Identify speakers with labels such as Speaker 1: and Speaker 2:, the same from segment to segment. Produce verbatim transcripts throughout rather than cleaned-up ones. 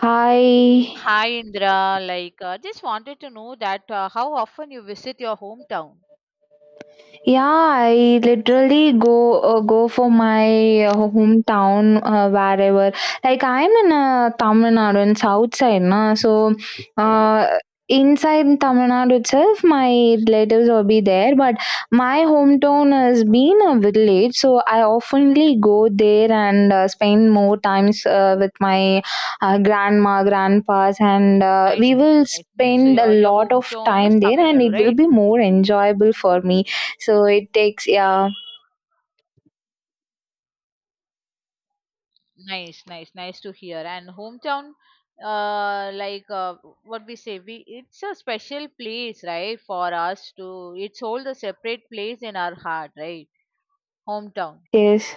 Speaker 1: Hi.
Speaker 2: Hi Indra, like uh, just wanted to know that uh, how often you visit your hometown.
Speaker 1: Yeah, I literally go uh, go for my uh, hometown uh, wherever. Like I'm in uh, Tamil Nadu in south side, na. So uh, inside Tamil Nadu itself, my relatives will be there. But my hometown has been a village, so I oftenly go there and uh, spend more times uh, with my uh, grandma, grandpas, and uh,
Speaker 2: Nice,
Speaker 1: we
Speaker 2: nice,
Speaker 1: will
Speaker 2: nice. Means
Speaker 1: spend a
Speaker 2: your your
Speaker 1: lot of
Speaker 2: hometown is
Speaker 1: time there,
Speaker 2: Tamil
Speaker 1: and
Speaker 2: Nadu,
Speaker 1: it will
Speaker 2: right?
Speaker 1: be more enjoyable for me, so it takes, yeah,
Speaker 2: Nice, nice, nice to hear. And hometown, uh, like uh, what we say, we it's a special place, right, for us to. It's hold a separate place in our heart, right? Hometown.
Speaker 1: yes.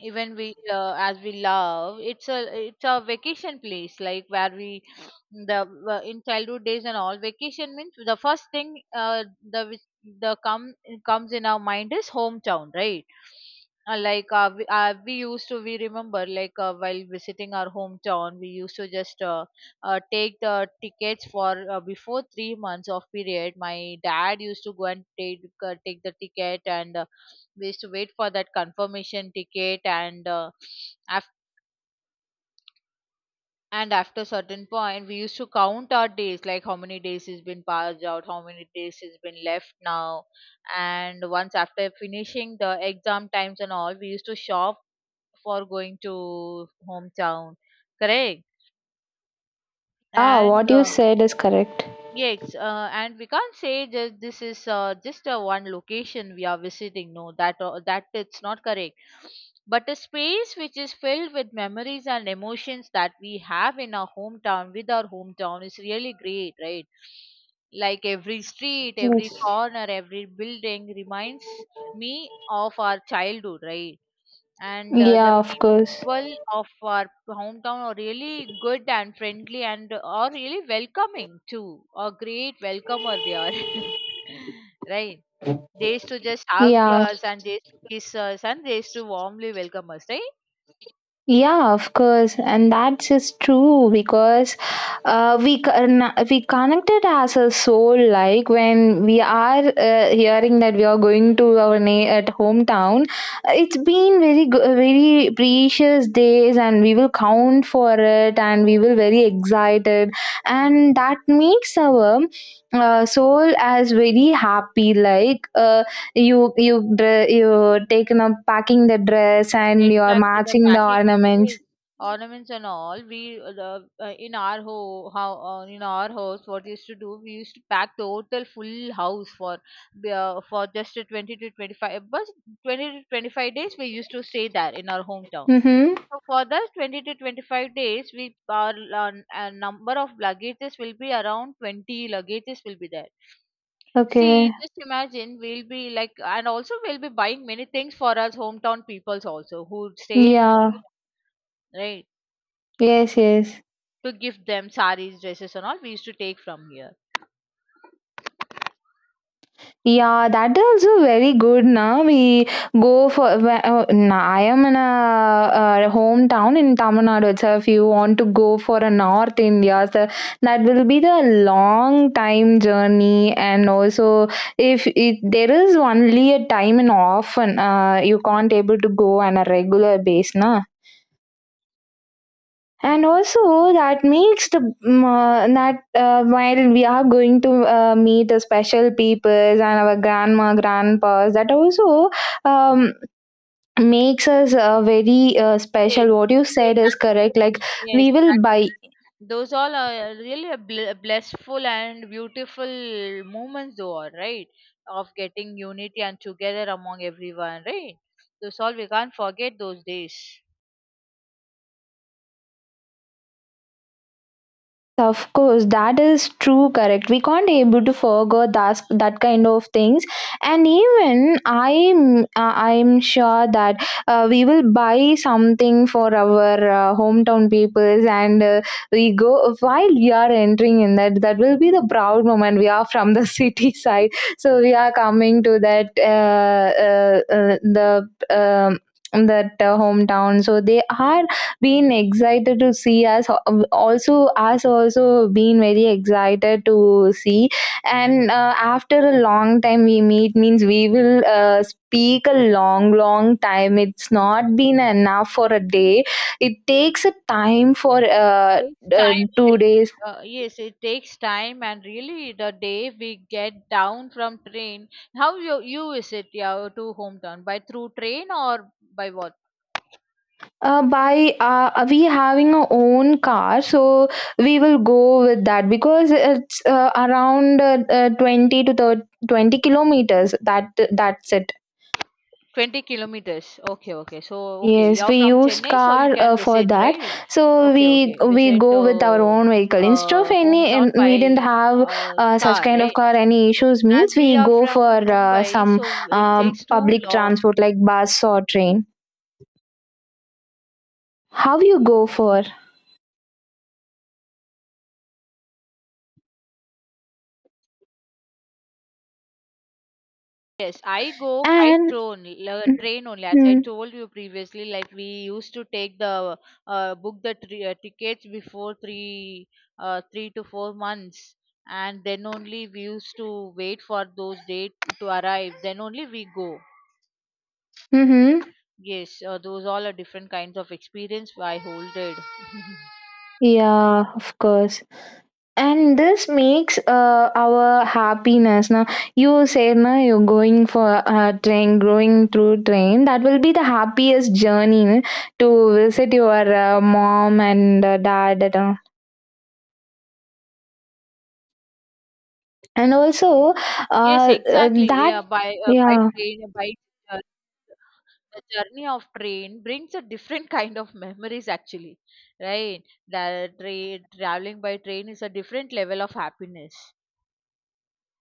Speaker 2: Even we uh, as we love, it's a, it's a vacation place, like where we the uh, in childhood days and all, vacation means the first thing, uh, the which- the come comes in our mind, is hometown, right? Uh, like, uh, we, uh, we used to we remember, like uh, while visiting our hometown, we used to just uh, uh, take the tickets for uh, before three months of period. My dad used to go and take uh, take the ticket, and uh, we used to wait for that confirmation ticket, and uh, af- and after certain point we used to count our days, like how many days has been passed out, how many days has been left now. And once after finishing the exam times and all, we used to shop for going to hometown. Correct.
Speaker 1: Ah,
Speaker 2: And
Speaker 1: what you
Speaker 2: uh,
Speaker 1: said is correct.
Speaker 2: yes, uh, and we can't say that this is uh, just a one location we are visiting. No, that uh, that it's not correct. But a space which is filled with memories and emotions that we have in our hometown, with our hometown, is really great, right? Like every street, every
Speaker 1: Yes.
Speaker 2: corner, every building reminds me of our childhood, right? and uh, the
Speaker 1: Yeah, of course.
Speaker 2: people of our hometown are really good and friendly and are really welcoming too. A great welcomer they are, right? They used to just hug
Speaker 1: Yeah.
Speaker 2: us and they used to kiss us and they used to warmly welcome us, right?
Speaker 1: Yeah, of course, and that is true because uh, we con- we connected as a soul. Like when we are uh, hearing that we are going to our na- at hometown, it's been very go- very precious days, and we will count for it, and we will very excited, and that makes our uh, soul as very happy. Like. Uh, you you dre- you taken up packing the dress and you are
Speaker 2: Exactly, the
Speaker 1: matching the
Speaker 2: packing,
Speaker 1: ornaments.
Speaker 2: yes, ornaments and all. We uh, the uh, in our ho how uh, In our house, what we used to do, we used to pack the total full house for the, uh, for just a twenty to twenty five, but twenty to twenty five days we used to stay there in our hometown.
Speaker 1: Mm-hmm.
Speaker 2: So for that twenty to twenty five days, we our uh, uh, number of luggages will be around twenty luggages will be there.
Speaker 1: Okay.
Speaker 2: See, just imagine, we'll be like, and also we'll be buying many things for us hometown peoples also who stay in,
Speaker 1: Yeah.
Speaker 2: right?
Speaker 1: Yes, yes.
Speaker 2: To give them saris, dresses, and all, we used to take from here.
Speaker 1: Yeah, that is also very good. Now we go for. wh- Uh, nah, I am in a, uh hometown in Tamil Nadu itself. If you want to go for a North India, so that will be the long time journey. And also, if it, there is only a time and often, uh, you can't able to go on a regular base, na, and also that makes the mm, uh, that uh, while we are going to uh, meet the special people and our grandma grandpas, that also um, makes us uh, very uh,
Speaker 2: Yes,
Speaker 1: special. What you
Speaker 2: yes,
Speaker 1: said is
Speaker 2: that is the
Speaker 1: correct,
Speaker 2: reason.
Speaker 1: like
Speaker 2: Yes,
Speaker 1: we will buy.
Speaker 2: that, those all are really a bl- blissful and beautiful moments, though, all right, of getting unity and together among everyone, right? Those all we can't forget those days.
Speaker 1: Of course, that is true, correct. We can't able to forget that that kind of things, and even I'm uh, I'm sure that uh, we will buy something for our uh, hometown peoples, and uh, we go while we are entering in that. That will be the proud moment. We are from the city side, so we are coming to that uh, uh, uh, the. Um, that uh, hometown, so they are been excited to see us, also us also been very excited to see. And uh, after a long time we meet means we will uh, speak a long long time, it's not been enough for a day. It takes a time for uh,
Speaker 2: Takes
Speaker 1: uh,
Speaker 2: time
Speaker 1: two
Speaker 2: really.
Speaker 1: days
Speaker 2: Uh, yes, it takes time, and really the day we get down from train. How you you is it, yeah, to hometown by through train or by what?
Speaker 1: Uh, by uh, we having our own car, so we will go with that because it's uh, around uh, uh, twenty to thirty, twenty kilometers, that that's it.
Speaker 2: twenty kilometers. Okay, okay. So okay,
Speaker 1: Yes,
Speaker 2: you're
Speaker 1: we
Speaker 2: from
Speaker 1: use
Speaker 2: Chennai, so you
Speaker 1: car
Speaker 2: can
Speaker 1: uh, for
Speaker 2: visit,
Speaker 1: that.
Speaker 2: right?
Speaker 1: So
Speaker 2: Okay,
Speaker 1: we
Speaker 2: okay.
Speaker 1: we
Speaker 2: Visit
Speaker 1: go with our
Speaker 2: uh,
Speaker 1: own vehicle. Instead
Speaker 2: uh
Speaker 1: of any, and
Speaker 2: hometown by
Speaker 1: we didn't have
Speaker 2: uh,
Speaker 1: uh, such
Speaker 2: car,
Speaker 1: kind of
Speaker 2: right?
Speaker 1: car. Any issues
Speaker 2: As
Speaker 1: means
Speaker 2: we
Speaker 1: we
Speaker 2: are
Speaker 1: go for
Speaker 2: from
Speaker 1: uh,
Speaker 2: Mumbai,
Speaker 1: some
Speaker 2: so it
Speaker 1: um,
Speaker 2: takes too
Speaker 1: public
Speaker 2: long.
Speaker 1: transport like bus or train. How you go for?
Speaker 2: Yes, I go by
Speaker 1: And
Speaker 2: train, la- train only. As I
Speaker 1: mm-hmm.
Speaker 2: told you previously, like, we used to take the, uh, book the tri- uh, tickets before three uh, three to four months, and then only we used to wait for those dates to arrive. Then only we go.
Speaker 1: Mm-hmm,
Speaker 2: Yes, uh, those all are different kinds of experience I holded.
Speaker 1: yeah, of course. And this makes uh, our happiness. Now, you say na you're going for a train, going through train. That will be the happiest journey no, to visit your uh, mom and uh, dad. And, all. And also,
Speaker 2: Yes,
Speaker 1: uh, uh,
Speaker 2: exactly.
Speaker 1: that,
Speaker 2: Yeah, by uh, by
Speaker 1: yeah.
Speaker 2: train, uh, by uh, the journey of train brings a different kind of memories actually, right? The train traveling by train is a different level of happiness.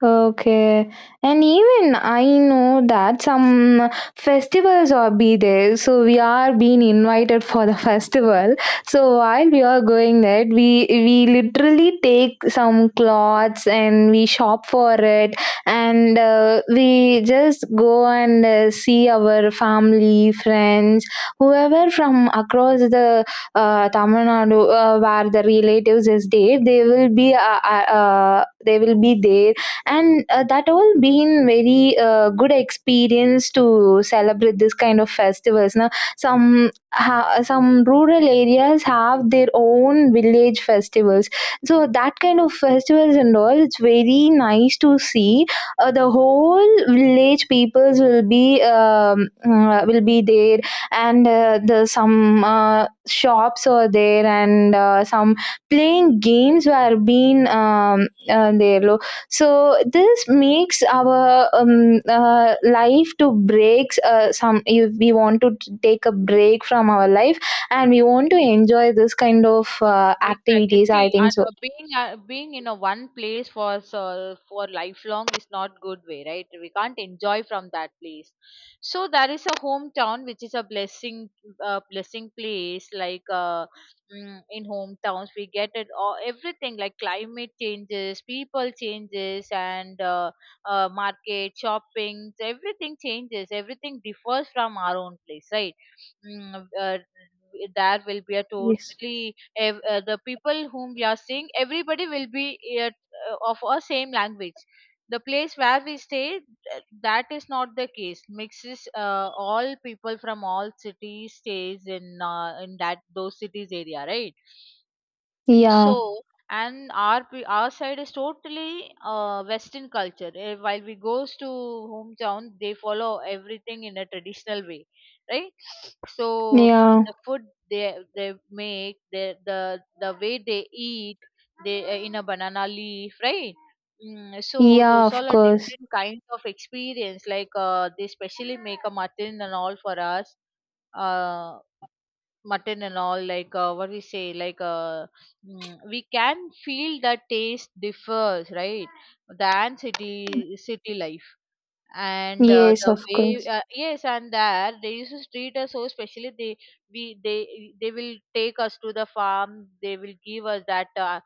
Speaker 1: Okay. And even I know that some festivals are be there. So we are being invited for the festival. So while we are going there, we we literally take some clothes and we shop for it, and uh, we just go and uh, see our family, friends, whoever from across the uh, Tamil Nadu uh, where the relatives is there, they will be uh, uh, uh, they will be there. And uh, that all been very uh, good experience to celebrate this kind of festivals. Now some ha- some rural areas have their own village festivals, so that kind of festivals and all, it's very nice to see uh, the whole village peoples will be um, uh, will be there. And uh, the some uh, shops are there, and uh, some playing games were being um, uh, there. So this makes our um, uh, life to breaks uh, some. If we want to t- take a break from our life and we want to enjoy this kind of uh,
Speaker 2: Exactly.
Speaker 1: activities,
Speaker 2: See,
Speaker 1: I think
Speaker 2: and
Speaker 1: so.
Speaker 2: uh, being uh, being in a one place for so for lifelong is not good way, right? We can't enjoy from that place. So there is a hometown which is a blessing, uh, blessing place. Like, uh, mm, in hometowns, we get it all, everything like climate changes, people changes, and uh, uh, market shopping. Everything changes. Everything differs from our own place, right? Mm, uh, there will be a
Speaker 1: Yes.
Speaker 2: totally, ev- uh, the people whom we are seeing, everybody will be uh, uh, of our same language. The place where we stay, th- that is not the case. Mixes uh, all people from all cities stays in uh, in that those cities area, right?
Speaker 1: Yeah.
Speaker 2: So, and our pe- our side is totally uh, Western culture. Eh, While we goes to hometown, they follow everything in a traditional way, right? So
Speaker 1: Yeah.
Speaker 2: the food they they make, the the the way they eat, they, uh, in a banana leaf, right? Mm, so
Speaker 1: Yeah,
Speaker 2: those
Speaker 1: of
Speaker 2: all are
Speaker 1: course.
Speaker 2: different kinds of experience. Like, uh, they specially make a mutton and all for us. Uh, Mutton and all, like, uh, what we say, like, uh, mm, we can feel that taste differs, right, than city city life. And uh,
Speaker 1: Yes,
Speaker 2: the
Speaker 1: of
Speaker 2: way,
Speaker 1: course.
Speaker 2: uh, yes, and there they used to treat us so specially. They we they they will take us to the farm. They will give us that, uh,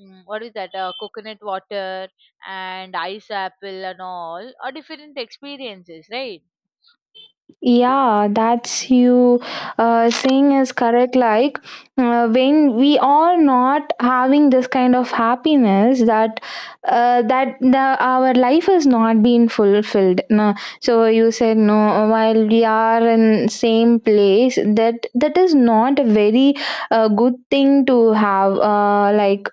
Speaker 2: mm, what is that, uh, coconut water and ice apple and all are different experiences, right?
Speaker 1: Yeah, that's you uh, saying is correct. Like uh, when we are not having this kind of happiness, that uh, that the our life is not being fulfilled. No, so you said no. While we are in same place, that that is not a very uh, good thing to have. Uh, like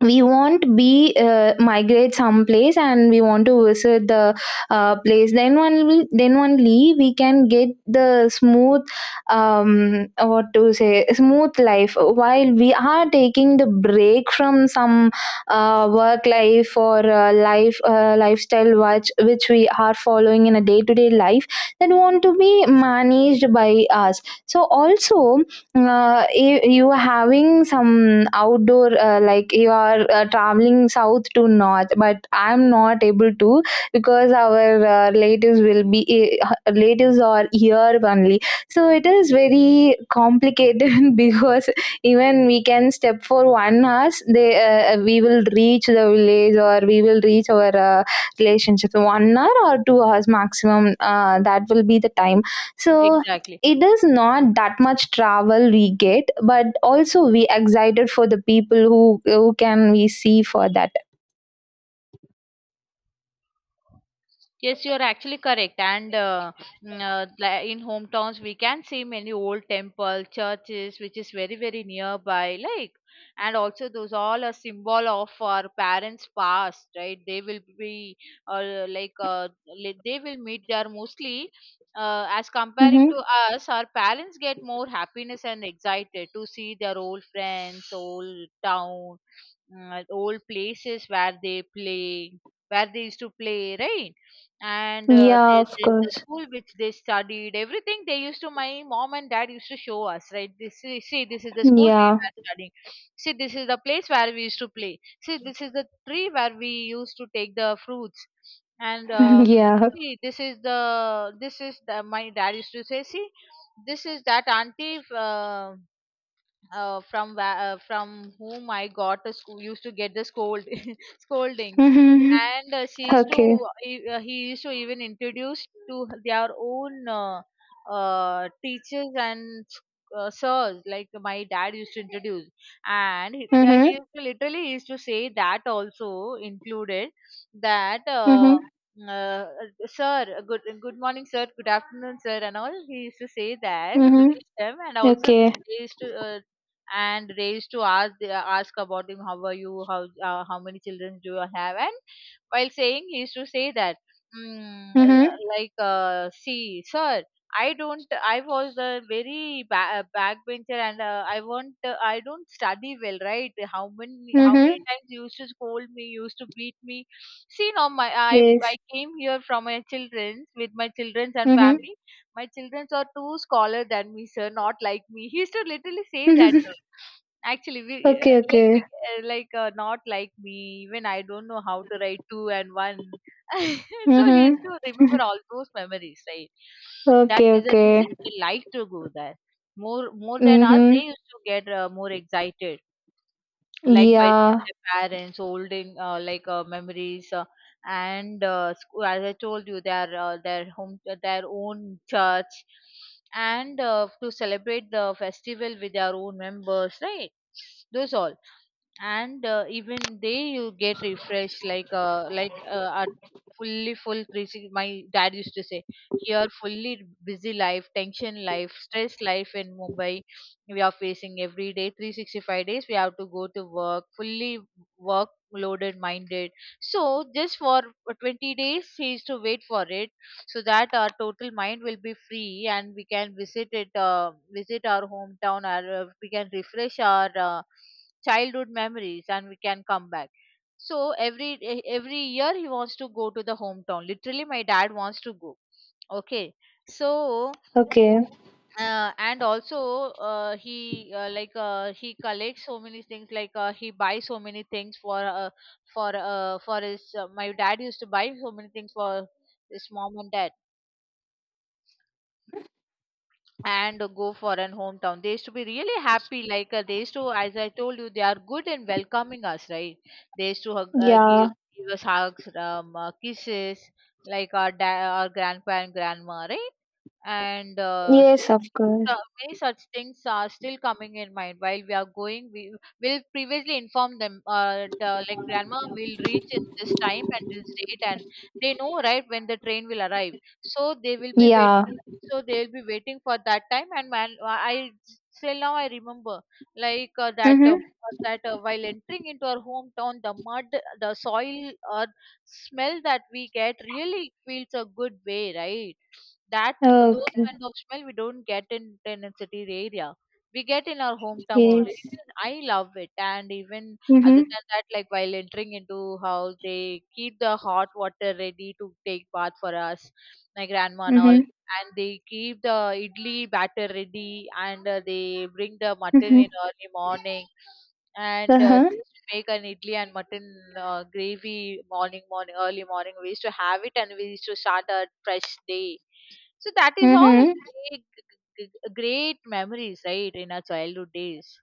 Speaker 1: we won't be uh, migrate someplace and we want to visit the uh, place, then only then only we can get the smooth, um, what to say, smooth life while we are taking the break from some uh, work life or uh, life uh, lifestyle which which we are following in a day to day life, that want to be managed by us. So also, uh, you, you are having some outdoor, uh, like you are uh, traveling south to north, but I'm not able to because our uh, relatives will be eh, uh, relatives are here only. So it is very complicated because even we can step for one hour, they uh, we will reach the village or we will reach our uh, relationship one hour or two hours maximum, uh, that will be the time. So
Speaker 2: Exactly.
Speaker 1: it is not that much travel we get, but also we excited for the people who who can we see for that.
Speaker 2: Yes, you're actually correct. And uh, mm, uh, li- in hometowns, we can see many old temple, churches, which is very, very nearby. Like, and also those all a symbol of our parents' past, right? They will be, uh, like uh, li- they will meet there mostly. Uh, as comparing
Speaker 1: Mm-hmm.
Speaker 2: to us, our parents get more happiness and excited to see their old friends, old town, mm, old places where they play, where they used to play, right? And uh,
Speaker 1: Yeah,
Speaker 2: they,
Speaker 1: of
Speaker 2: they, the
Speaker 1: course.
Speaker 2: school which they studied, everything they used to my mom and dad used to show us, right? This is, see, this is the school we
Speaker 1: Yeah.
Speaker 2: were studying. See, this is the place where we used to play. See, this is the tree where we used to take the fruits. And um,
Speaker 1: Yeah.
Speaker 2: see this is the this is the my dad used to say, see, this is that auntie. Uh, uh, from where, uh, from whom I got the school used to get the scold scoldings,
Speaker 1: Mm-hmm.
Speaker 2: and uh, she used
Speaker 1: Okay.
Speaker 2: to he, uh, he used to even introduce to their own uh, uh, teachers and uh, sirs, like my dad used to introduce, and he, uh, he
Speaker 1: Mm-hmm.
Speaker 2: used to literally used to say that, also included that. Uh,
Speaker 1: Mm-hmm.
Speaker 2: uh, Sir, good good morning, sir. Good afternoon, sir, and all. He used to say that, the
Speaker 1: Mm-hmm.
Speaker 2: wish them, and also
Speaker 1: Okay.
Speaker 2: they used to uh, and they used to ask the ask about him, how are you, how uh, how many children do you have? And while saying, he used to say that, mm, uh,
Speaker 1: Mm-hmm.
Speaker 2: like uh, see, sir, I don't I was a very ba- uh, backbencher, and uh, i want uh, I don't study well, right? How many how many
Speaker 1: Mm-hmm.
Speaker 2: times you used to scold me, you used to beat me. See, now, my I I
Speaker 1: Yes.
Speaker 2: came here from my children's, with my children's and family. My children's are too scholar than me, sir, not like me. He used to literally say that.
Speaker 1: Mm-hmm.
Speaker 2: Actually, we uh,
Speaker 1: Okay,
Speaker 2: like
Speaker 1: okay.
Speaker 2: we, uh, like uh, not like me. Even I don't know how to write two and one. So he used
Speaker 1: Mm-hmm.
Speaker 2: to remember all those memories, right? That
Speaker 1: Okay,
Speaker 2: is the
Speaker 1: okay.
Speaker 2: reason they like to go there more more than us. They
Speaker 1: Mm-hmm.
Speaker 2: used to get uh, more excited, like by seeing
Speaker 1: Yeah.
Speaker 2: their parents holding, uh, like uh, memories, uh, and uh, school, as I told you, their uh, their home their own church, and uh, to celebrate the festival with their own members, right? Those all, and uh, even they you get refreshed, like, uh, like uh, at fully full three sixty, my dad used to say, here fully busy life, tension life, stress life in Mumbai. We are facing every day, three sixty-five days we have to go to work, fully work loaded minded. So just for twenty days he is to wait for it, so that our total mind will be free and we can visit it, uh, visit our hometown, or uh, we can refresh our uh, childhood memories, and we can come back. So every e- every year he wants to go to the hometown, literally my dad wants to go. Okay. So
Speaker 1: Okay.
Speaker 2: uh, and also uh, he uh, like uh, he collects so many things, like, uh, he buys so many things for uh, for uh, for his uh, my dad used to buy so many things for his mom and dad, and go for an hometown. They used to be really happy, like, uh, they used to as I told you, they are good in welcoming us, right? They used to hug- uh, give,
Speaker 1: Yeah.
Speaker 2: give us hugs, um, uh, kisses, like our dad, our grandpa and grandma, right? And uh,
Speaker 1: Yes,
Speaker 2: s-
Speaker 1: of course.
Speaker 2: so many such things are still coming in mind while we are Going, we will previously inform them uh, the, like grandma will reach in this time and this date, and they know, right, when the train will arrive. So they will be wait
Speaker 1: Yeah.
Speaker 2: so they will be waiting for that time. And man, I still now I remember, like uh, that uh,
Speaker 1: Mm-hmm.
Speaker 2: that uh, while entering into our hometown, the mud, the soil, earth smell that we get really feels a good way, right? That Those
Speaker 1: Okay.
Speaker 2: kind of smell we don't get in in city area. We get in our hometown
Speaker 1: Yes.
Speaker 2: only. Even I love it. And even
Speaker 1: Mhm.
Speaker 2: other than that, like while entering into house, they keep the hot water ready to take bath for us, my grandma and all.
Speaker 1: Mhm.
Speaker 2: And they keep the idli batter ready, and uh, they bring the mutton
Speaker 1: Mhm.
Speaker 2: in early morning, and uh,
Speaker 1: Uh-huh.
Speaker 2: they make an idli and mutton uh, gravy morning, morning, early morning. We used to have it, and we used to start a fresh day. So that is all a
Speaker 1: Mhm.
Speaker 2: great, g- g- great memories, right, in our childhood days.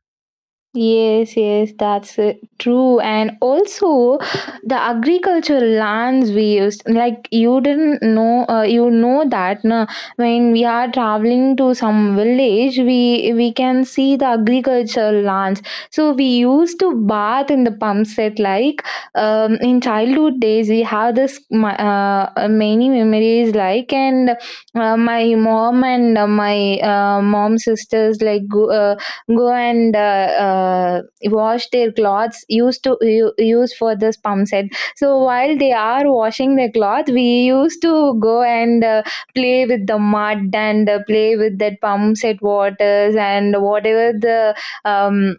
Speaker 1: Yes, yes, that's uh, true. And also, the agricultural lands we used, like you didn't know, uh, you know that na, when we are traveling to some village, we we can see the agricultural lands. So we used to bath in the pump set. Like um, in childhood days, we have this ma- uh, uh, many memories. Like, and uh, my mom and uh, my uh, mom sisters like go, uh, go and uh, uh, wash their clothes, used to u- use for this pump set. So while they are washing their cloth, we used to go and uh, play with the mud and uh, play with that pump set waters and whatever the um,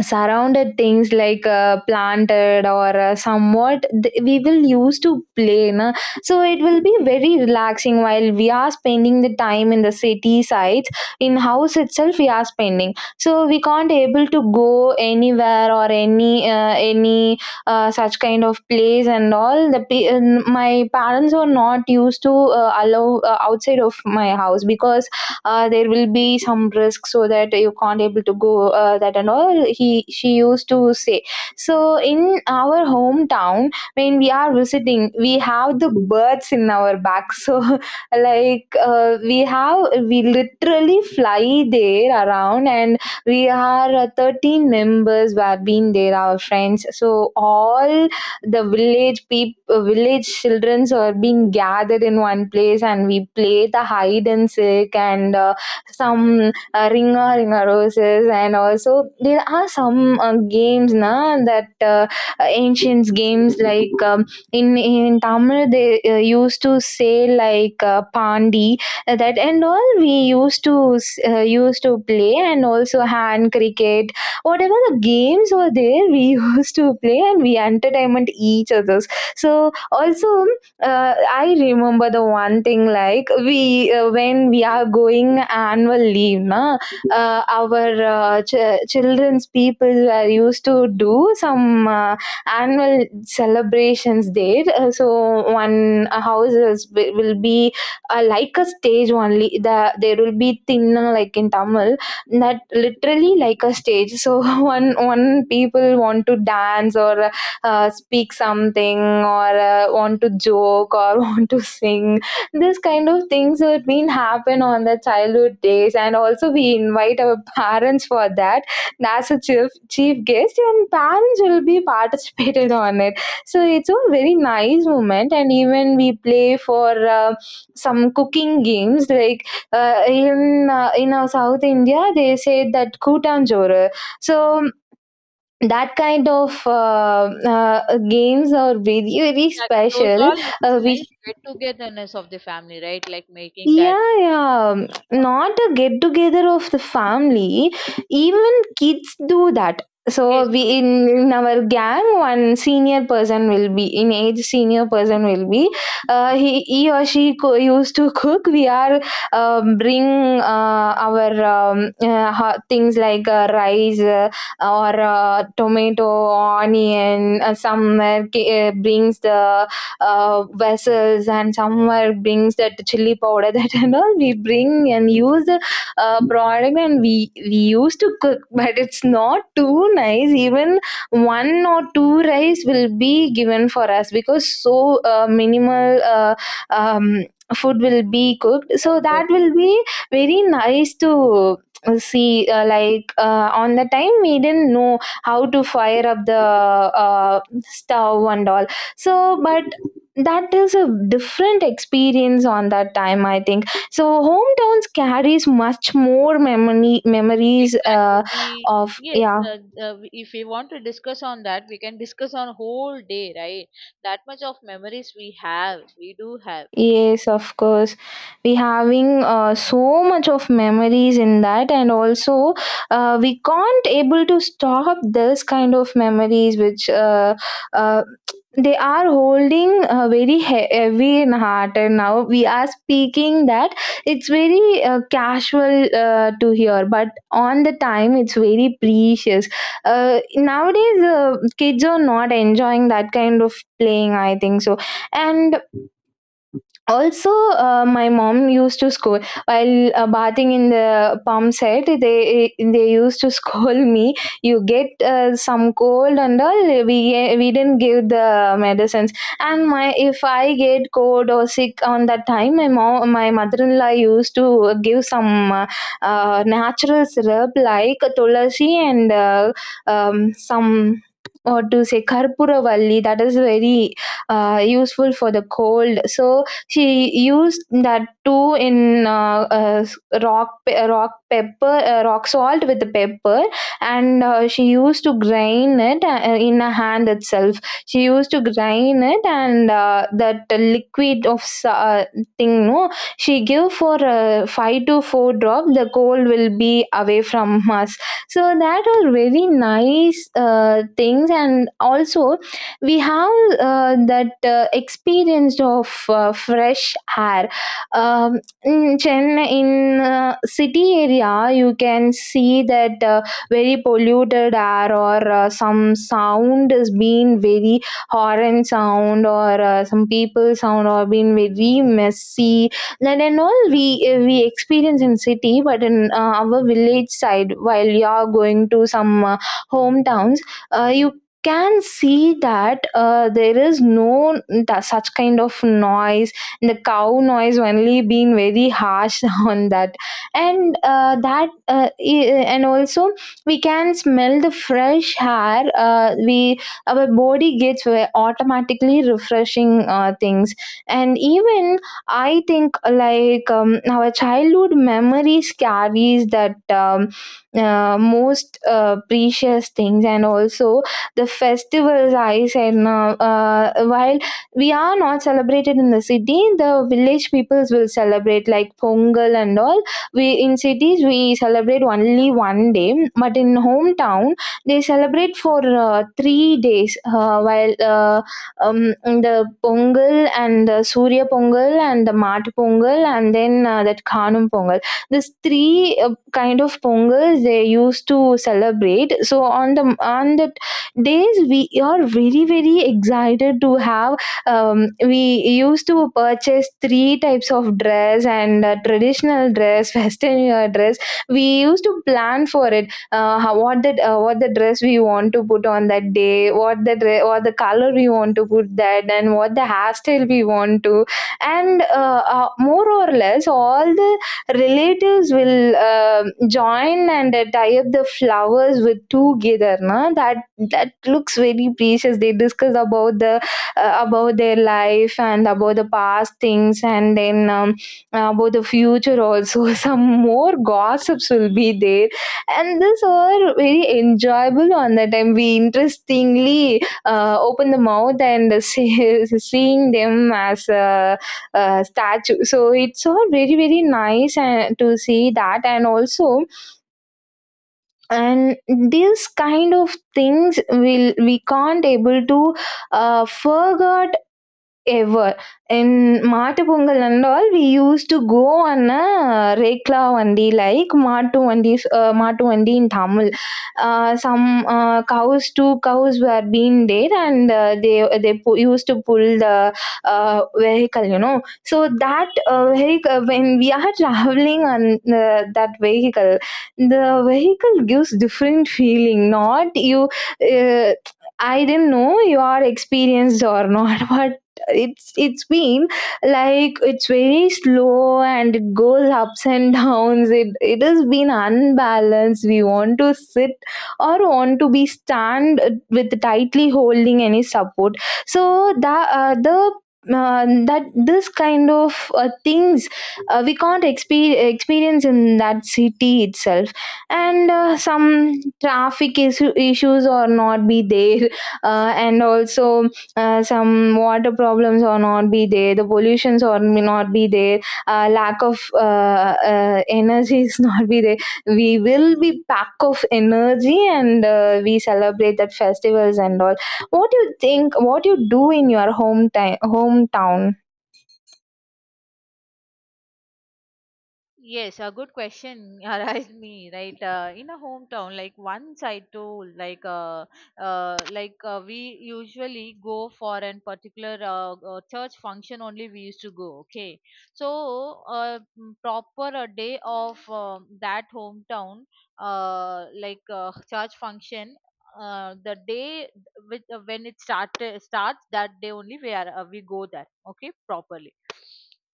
Speaker 1: surrounded things like uh, planted or uh, somewhat th- we will use to play, na? So it will be very relaxing while we are spending the time in the city sites. In house itself we are spending, so we can't able to go anywhere or any uh, any uh, such kind of place. And all the pe- and my parents were not used to uh, allow uh, outside of my house, because uh, there will be some risk, so that you can't able to go uh, that and all he she used to say. So in our hometown when we are visiting, we have the birds in our back, so like uh, we have we literally fly there around. And we are uh, thirteen members who have been there, our friends, so all the village people village childrens are being gathered in one place, and we play the hide and seek, and uh, some uh, ringa ringa roses. And also there are some uh, games, na, that uh, ancient games like um, in in tamil they uh, used to say like uh, pandi, uh, that and all we used to uh, used to play, and also hand cricket, whatever the games were there, we used to play, and we entertainment each others. So also, uh, I remember the one thing, like we uh, when we are going annual leave, na, uh, our uh, ch- children's people were used to do some uh, annual celebrations there. Uh, so one uh, house is, will will be uh, like a stage only, the, there will be thinna like in tamil, that literally like a stage. So one one people want to dance or uh, speak something or uh, want to joke or want to sing, this kind of things have been happen on the childhood days, and also we invite our parents for that. That's a chief chief guest, and parents will be participated on it. So it's a very nice moment. And even we play for uh, some cooking games like uh, in uh, in our South India, they say that Kutan Jor. So that kind of uh, uh, games are very very
Speaker 2: Exactly. Those
Speaker 1: special.
Speaker 2: all are
Speaker 1: Uh,
Speaker 2: nice
Speaker 1: we.
Speaker 2: get togetherness of the family, right? Like making that.
Speaker 1: Yeah, yeah.
Speaker 2: Oh.
Speaker 1: Not a get together of the family. Even kids do that.
Speaker 2: Yes,
Speaker 1: So
Speaker 2: yes,
Speaker 1: we
Speaker 2: yes.
Speaker 1: in, in
Speaker 2: Exactly.
Speaker 1: our gang, one senior person will be in age. Senior person will be.
Speaker 2: Oh, nice,
Speaker 1: Uh,
Speaker 2: nice.
Speaker 1: he he or she co- used to cook. We are um, bring uh, our um, uh, ho- things like uh, rice uh, or uh, tomato,
Speaker 2: Okay,
Speaker 1: onion. Uh, some uh, brings the uh, vessels, and somewhere brings that chili powder that and all we bring and use the uh, product, and we we used to cook. But it's not too nice. Even one or two rice will be given for us, because so uh, minimal uh, um, food will be cooked, so
Speaker 2: okay,
Speaker 1: that
Speaker 2: okay.
Speaker 1: will be very nice to see, uh, like uh, on the time we didn't know how to fire up the
Speaker 2: Okay.
Speaker 1: uh, stove and all. So but that is a different experience on that time, I think. So hometowns carries much more memory
Speaker 2: Memories.
Speaker 1: memories
Speaker 2: Exactly.
Speaker 1: uh,
Speaker 2: We
Speaker 1: Of
Speaker 2: yes.
Speaker 1: yeah.
Speaker 2: Uh, uh, if we want to discuss on that, we can discuss on whole day, right? That much of memories we have, we do have.
Speaker 1: Yes, of course. We having uh, so much of memories in that, and also uh, we can't able to stop this kind of memories, which uh, uh, they are holding uh, very he- heavy in heart. And now we are speaking that it's very uh, casual uh, to hear, but on the time it's very precious. Uh, nowadays, uh, kids are not enjoying that kind of playing, I think. So and also uh, my mom used to scold while uh, bathing in the pump set. They they used to scold me, you get uh, some cold and all. We we didn't give the medicines. And my, if I get cold or sick on that time, my mom my mother-in-law used to give some uh, uh, natural syrup like tulasi and uh, um, some, or to say karpuravalli, that is very uh, useful for the cold. So she used that too in uh, uh, rock pe- rock pepper, uh, rock salt with the pepper, and uh, she used to grind it uh, in a hand itself. She used to grind it, and uh, that liquid of sa- uh, thing, no, she give for uh, five to four drop. The cold will be away from us. So that are very nice uh, things, and also we have uh, that uh, experience of uh, fresh air um, In Chennai, in uh, city area, you can see that uh, very polluted air, or uh, some sound has been very horn sound, or uh, some people sound, or been very messy, that and all we uh, we experience in city. But in uh, our village side, while you are going to some uh, hometowns, uh, you can see that uh, there is no th- such kind of noise. The cow noise only being very harsh on that. And uh, that uh, i- and also we can smell the fresh air uh, We, our body gets ve- automatically refreshing uh, things. And even I think like um, our childhood memories carries that um, uh, most uh, precious things. And also the festivals I said now. Uh, while we are not celebrated in the city, the village peoples will celebrate like pongal and all. We in cities, we celebrate only one day, but in hometown they celebrate for uh, three days, uh, while uh, um, the pongal, and the surya pongal, and the mat pongal, and then uh, that khanum pongal. These three uh, kind of pongals they used to celebrate. So on the on the days we are very very excited to have. Um, we used to purchase three types of dress, and uh, traditional dress, western wear dress. We used to plan for it. Uh, how, what that uh, what the dress we want to put on that day, what the dre- what the color we want to put that, and what the hairstyle we want to. And uh, uh, more or less all the relatives will um join, and uh, tie up the flowers with together na. That that looks very precious. They discuss about the uh, about their life, and about the past things, and then um, about the future also. Some more gossips will be there. And this were very enjoyable. On that time we interestingly uh, open the mouth and uh, see, seeing them as a, a statue. So it's all very very nice, and to see that. And also, and these kind of things will, we can't able to uh, forget ever. In Maatu Pongal and all, we used to go on a Rekla Vandi, like Maatu Vandis, uh, Maatu Vandi in Tamil. Uh, some uh, cows, two cows were being there, and uh, they they pu- used to pull the uh, vehicle, you know. So that uh, vehicle, when we are traveling on the, that vehicle, the vehicle gives different feeling. Not you, uh, I didn't know you are experienced or not, but it's it's been like it's very slow, and it goes ups and downs. It it has been unbalanced. We want to sit or want to be stand with tightly holding any support. So that uh, the uh, that this kind of uh, things, uh, we can't expe- experience in that city itself. And uh, some traffic issue- issues or not be there, uh, and also uh, some water problems or not be there, the pollutions or may not be there, uh, lack of uh, uh, energy is not be there. We will be pack of energy, and uh, we celebrate that festivals and all. What do you think? What you do in your hometown? Hometown?
Speaker 2: Yes, a good question arise me, right. Uh, in a hometown, like once I told, like uh, uh, like uh, we usually go for a particular uh, uh, church function only we used to go. Okay, so uh, mm, proper a day of um that hometown, uh, like uh, church function, uh, the day with, uh, when it started starts that day only we are, uh, we go there, okay, properly.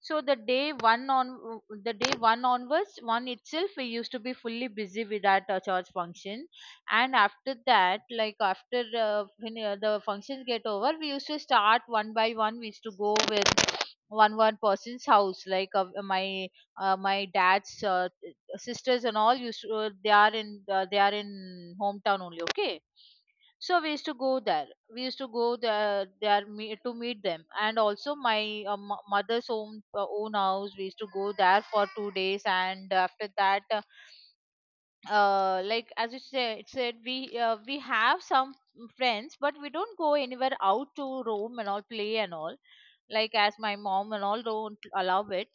Speaker 2: So the day one, on the day one onwards, one itself we used to be fully busy with that uh, church function. And after that, like after uh, when uh, the functions get over, we used to start one by one. We used to go with one one person's house, like uh, my uh, my dad's uh, sisters and all. Used to, uh, they are in uh, they are in hometown only. Okay, so we used to go there. We used to go there, there me, to meet them. And also my uh, mo- mother's own uh, own house. We used to go there for two days. And after that, uh, uh, like as you said, it said we, uh, we have some friends, but we don't go anywhere out to roam and all, play and all. Like as my mom and all don't allow it.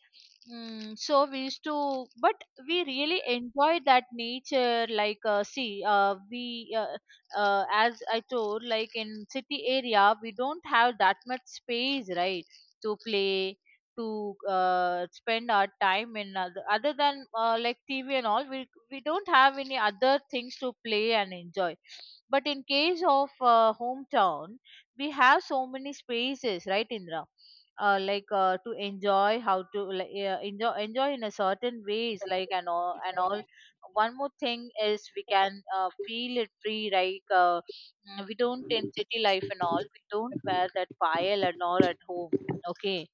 Speaker 2: Mm, so we used to, but we really enjoyed that nature. Like, uh, see, uh, we, uh, uh, as I told, like in city area, we don't have that much space, right, to play, to uh, spend our time in other, other than uh, like T V and all. We we don't have any other things to play and enjoy. But in case of uh, hometown, we have so many spaces, right, Indra? Uh, like uh, to enjoy, how to like, e, uh, enjoy enjoy in a certain ways, like and all and all. One more thing is we can uh, feel it free, like uh, mm, we don't, in city life and all we don't wear that pile and all at home. Okay.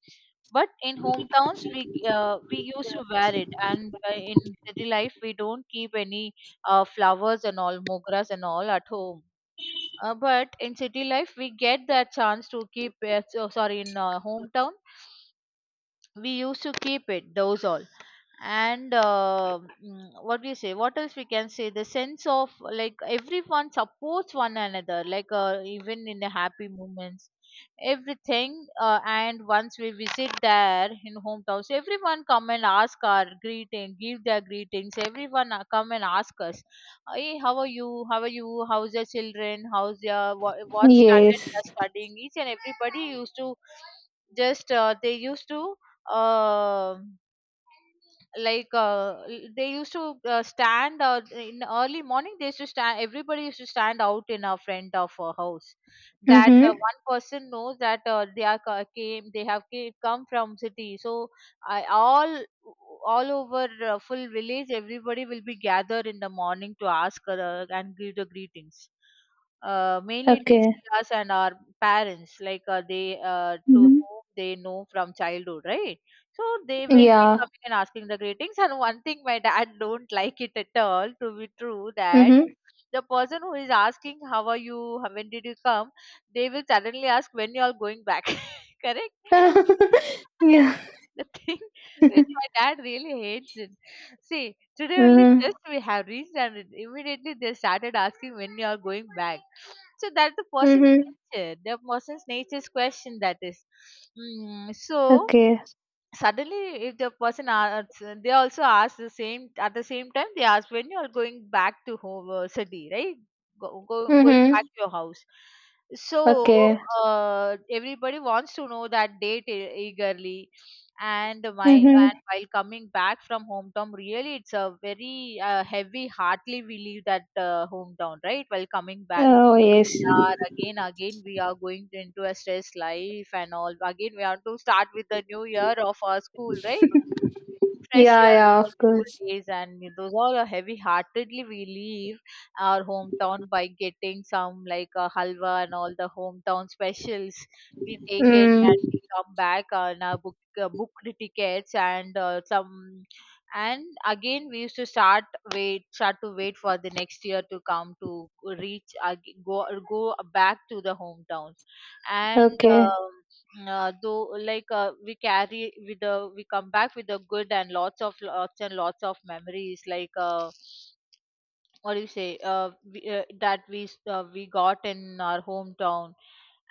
Speaker 2: But in hometowns we uh, we used to wear it. And uh, in city life we don't keep any uh, flowers and all, mogras and all at home. Uh, but in city life we get that chance to keep uh, so, sorry, in uh, hometown we used to keep it, those all. And uh, mm, what do you say, what else we can say, the sense of like everyone supports one another, like uh, even in the happy moments, everything. Uh, and once we visit there in hometowns, everyone come and ask our greeting, give their greetings. Everyone uh, come and ask us, hey, how are you, how are you, how's your children, how's your what, what standard
Speaker 1: Yes.
Speaker 2: they are studying. Each and everybody used to just uh, they used to uh, like uh, l- they used to uh, stand, uh, in early morning they used to stand, everybody used to stand out in a front of a house. That uh,
Speaker 1: Mhm.
Speaker 2: one person knows that uh, they are co- came they have came, come from city. So I, all all over uh, full village, everybody will be gathered in the morning to ask uh, and give the greetings, uh, mainly to
Speaker 1: Okay.
Speaker 2: see us and our parents, like uh, they uh, to
Speaker 1: Mhm.
Speaker 2: whom they know from childhood, right? So they will be
Speaker 1: Yeah.
Speaker 2: coming and asking the greetings. And one thing my dad don't like it at all, to be true, that
Speaker 1: Mhm.
Speaker 2: the person who is asking how are you, how- when did you come, they will suddenly ask when you are going back. Correct?
Speaker 1: Yeah.
Speaker 2: The thing which my dad really hates it. See, today only just
Speaker 1: Mhm.
Speaker 2: we have reached, and it- immediately they started asking when you are going back. So that's the person's
Speaker 1: Mhm.
Speaker 2: nature. The person's nature's question that is. Mm, so
Speaker 1: Okay.
Speaker 2: suddenly if the person asks, they also ask the same at the same time. They ask when you are going back to home, uh, city, right? Go, go, going back
Speaker 1: Mhm.
Speaker 2: to your house. So
Speaker 1: Okay.
Speaker 2: uh, everybody wants to know that date e- eagerly. And my,
Speaker 1: Mhm.
Speaker 2: and while coming back from hometown, really it's a very uh, heavy heartly we leave that uh, hometown, right, while coming back.
Speaker 1: Oh yes.
Speaker 2: Are again, again, we are going into a stress life and all. Again, we have to start with the new year of our school, right? Fresh
Speaker 1: Yeah,
Speaker 2: air,
Speaker 1: yeah,
Speaker 2: our
Speaker 1: of
Speaker 2: school
Speaker 1: course.
Speaker 2: days. And those all are heavy-heartedly we leave our hometown by getting some like a halwa and all the hometown specials. We take it
Speaker 1: Mm,
Speaker 2: and come back on our book uh, booked tickets and uh, some. And again, we used to start wait start to wait for the next year to come to reach ag- go go back to the hometowns. And.
Speaker 1: okay,
Speaker 2: Um, uh, though like uh, we carry with the, we come back with the good and lots of, lots and lots of memories, like uh, what do you say, uh, we, uh, that we s- uh, we got in our hometown.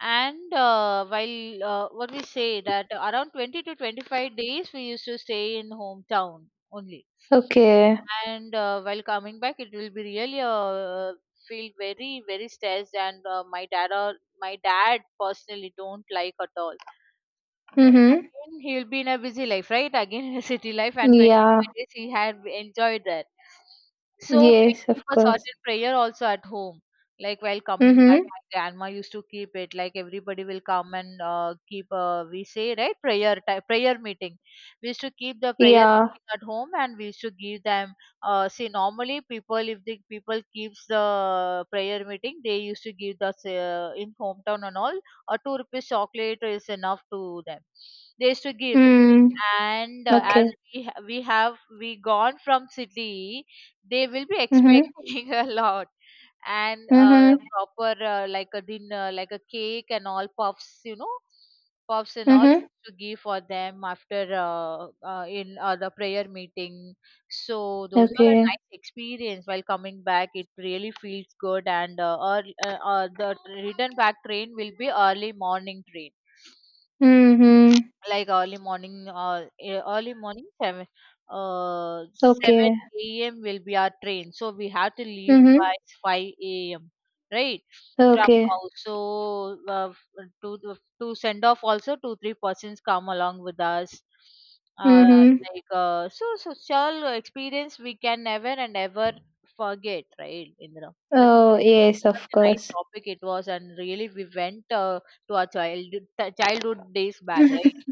Speaker 2: And uh, while uh, what we say, that around twenty to twenty-five days we used to stay in hometown only.
Speaker 1: okay.
Speaker 2: And uh, while coming back it will be really uh, feel very very stressed. And uh, my dad, or my dad personally, don't like at all. Well,
Speaker 1: Mm-hmm.
Speaker 2: again, he'll be in a busy life, right? Again, in a city life, and
Speaker 1: Yeah,
Speaker 2: twenty-five days he had enjoyed that. So we
Speaker 1: yes, of
Speaker 2: keep a
Speaker 1: course.
Speaker 2: certain prayer also at home. Like while coming back,
Speaker 1: Mm-hmm.
Speaker 2: my grandma used to keep it. Like everybody will come and uh, keep a, we say right, prayer ti prayer meeting. We used to keep the prayer
Speaker 1: Yeah.
Speaker 2: meeting at home, and we used to give them. Uh, see, normally people, if the people keeps the prayer meeting, they used to give us uh, in hometown and all a two rupees chocolate is enough to them. They used to give it.
Speaker 1: Mm,
Speaker 2: And uh, as
Speaker 1: okay.
Speaker 2: we ha- we have we gone from city, they will be
Speaker 1: Mm-hmm.
Speaker 2: expecting a lot. And uh,
Speaker 1: Mm-hmm.
Speaker 2: proper uh, like a dinner, like a cake and all, puffs, you know, puffs and all
Speaker 1: Mm-hmm.
Speaker 2: to give for them after uh, uh, in uh, the prayer meeting. So those are a
Speaker 1: Okay.
Speaker 2: nice experience. While coming back, it really feels good. And uh, early, uh, uh, the return back train will be early morning train,
Speaker 1: Mm-hmm.
Speaker 2: like early morning, or uh, e- early morning seven, uh seven
Speaker 1: Okay.
Speaker 2: a.m. will be our train. So we have to leave
Speaker 1: Mm-hmm.
Speaker 2: by five a.m., right, from
Speaker 1: Okay.
Speaker 2: house. So uh, to to to send off also two three persons come along with us. Uh
Speaker 1: Mm-hmm.
Speaker 2: like uh so social experience we can never and ever forget, right, Indra? That's a
Speaker 1: Oh,
Speaker 2: great-
Speaker 1: yes, of
Speaker 2: such a nice
Speaker 1: course.
Speaker 2: topic it was. And really we went uh, to our child childhood days back, right?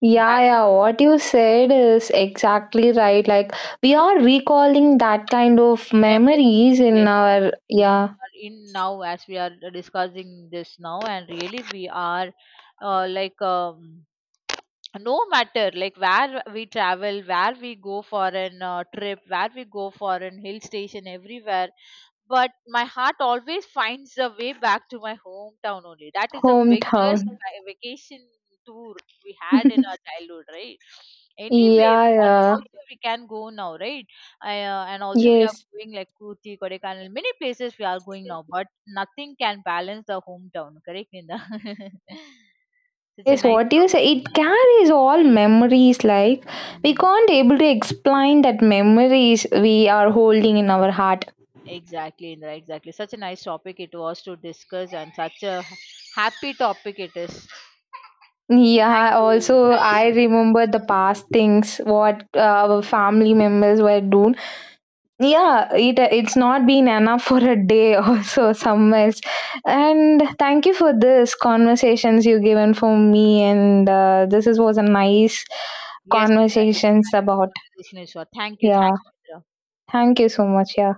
Speaker 1: Yeah,
Speaker 2: Back.
Speaker 1: yeah, what you said is exactly right. Like, we are recalling that kind of
Speaker 2: Memories,
Speaker 1: memories in
Speaker 2: yes,
Speaker 1: our,
Speaker 2: exactly. In,
Speaker 1: yeah,
Speaker 2: our- in now, as we are discussing this now, and really we are uh, like um, no matter like where we travel, where we go for an uh, trip, where we go for an hill station, everywhere. But my heart always finds a way back to my hometown only. That is the biggest
Speaker 1: hometown.
Speaker 2: va- vacation tour we had in our childhood, right? Anyway,
Speaker 1: Yeah,
Speaker 2: foreign
Speaker 1: yeah.
Speaker 2: also we can go now, right? I, uh, and also we are
Speaker 1: Yes.
Speaker 2: going like Kurti, Kodaikanal, many places we are going now, but nothing can balance the hometown, correct, Ninda? Such a
Speaker 1: Yes,
Speaker 2: nice
Speaker 1: what you
Speaker 2: topic.
Speaker 1: say, it carries all memories. Like, we
Speaker 2: Mm.
Speaker 1: can't able to explain that memories we are holding in our heart.
Speaker 2: Exactly, Indra, exactly. Such a nice topic it was to discuss, and such a happy topic it is. Thank
Speaker 1: Yeah,
Speaker 2: you.
Speaker 1: also
Speaker 2: Thank
Speaker 1: I
Speaker 2: you.
Speaker 1: remember the past things what uh, our family members were doing. Yeah, it it's not been enough for a day also somewhere. And thank you for this conversations you given for me, and uh, this is, was a nice
Speaker 2: Yes, Indra, yes, a
Speaker 1: conversations about,
Speaker 2: nice conversation is. Thank you. Thank
Speaker 1: yeah.
Speaker 2: you, Indra.
Speaker 1: Thank you so much. Yeah.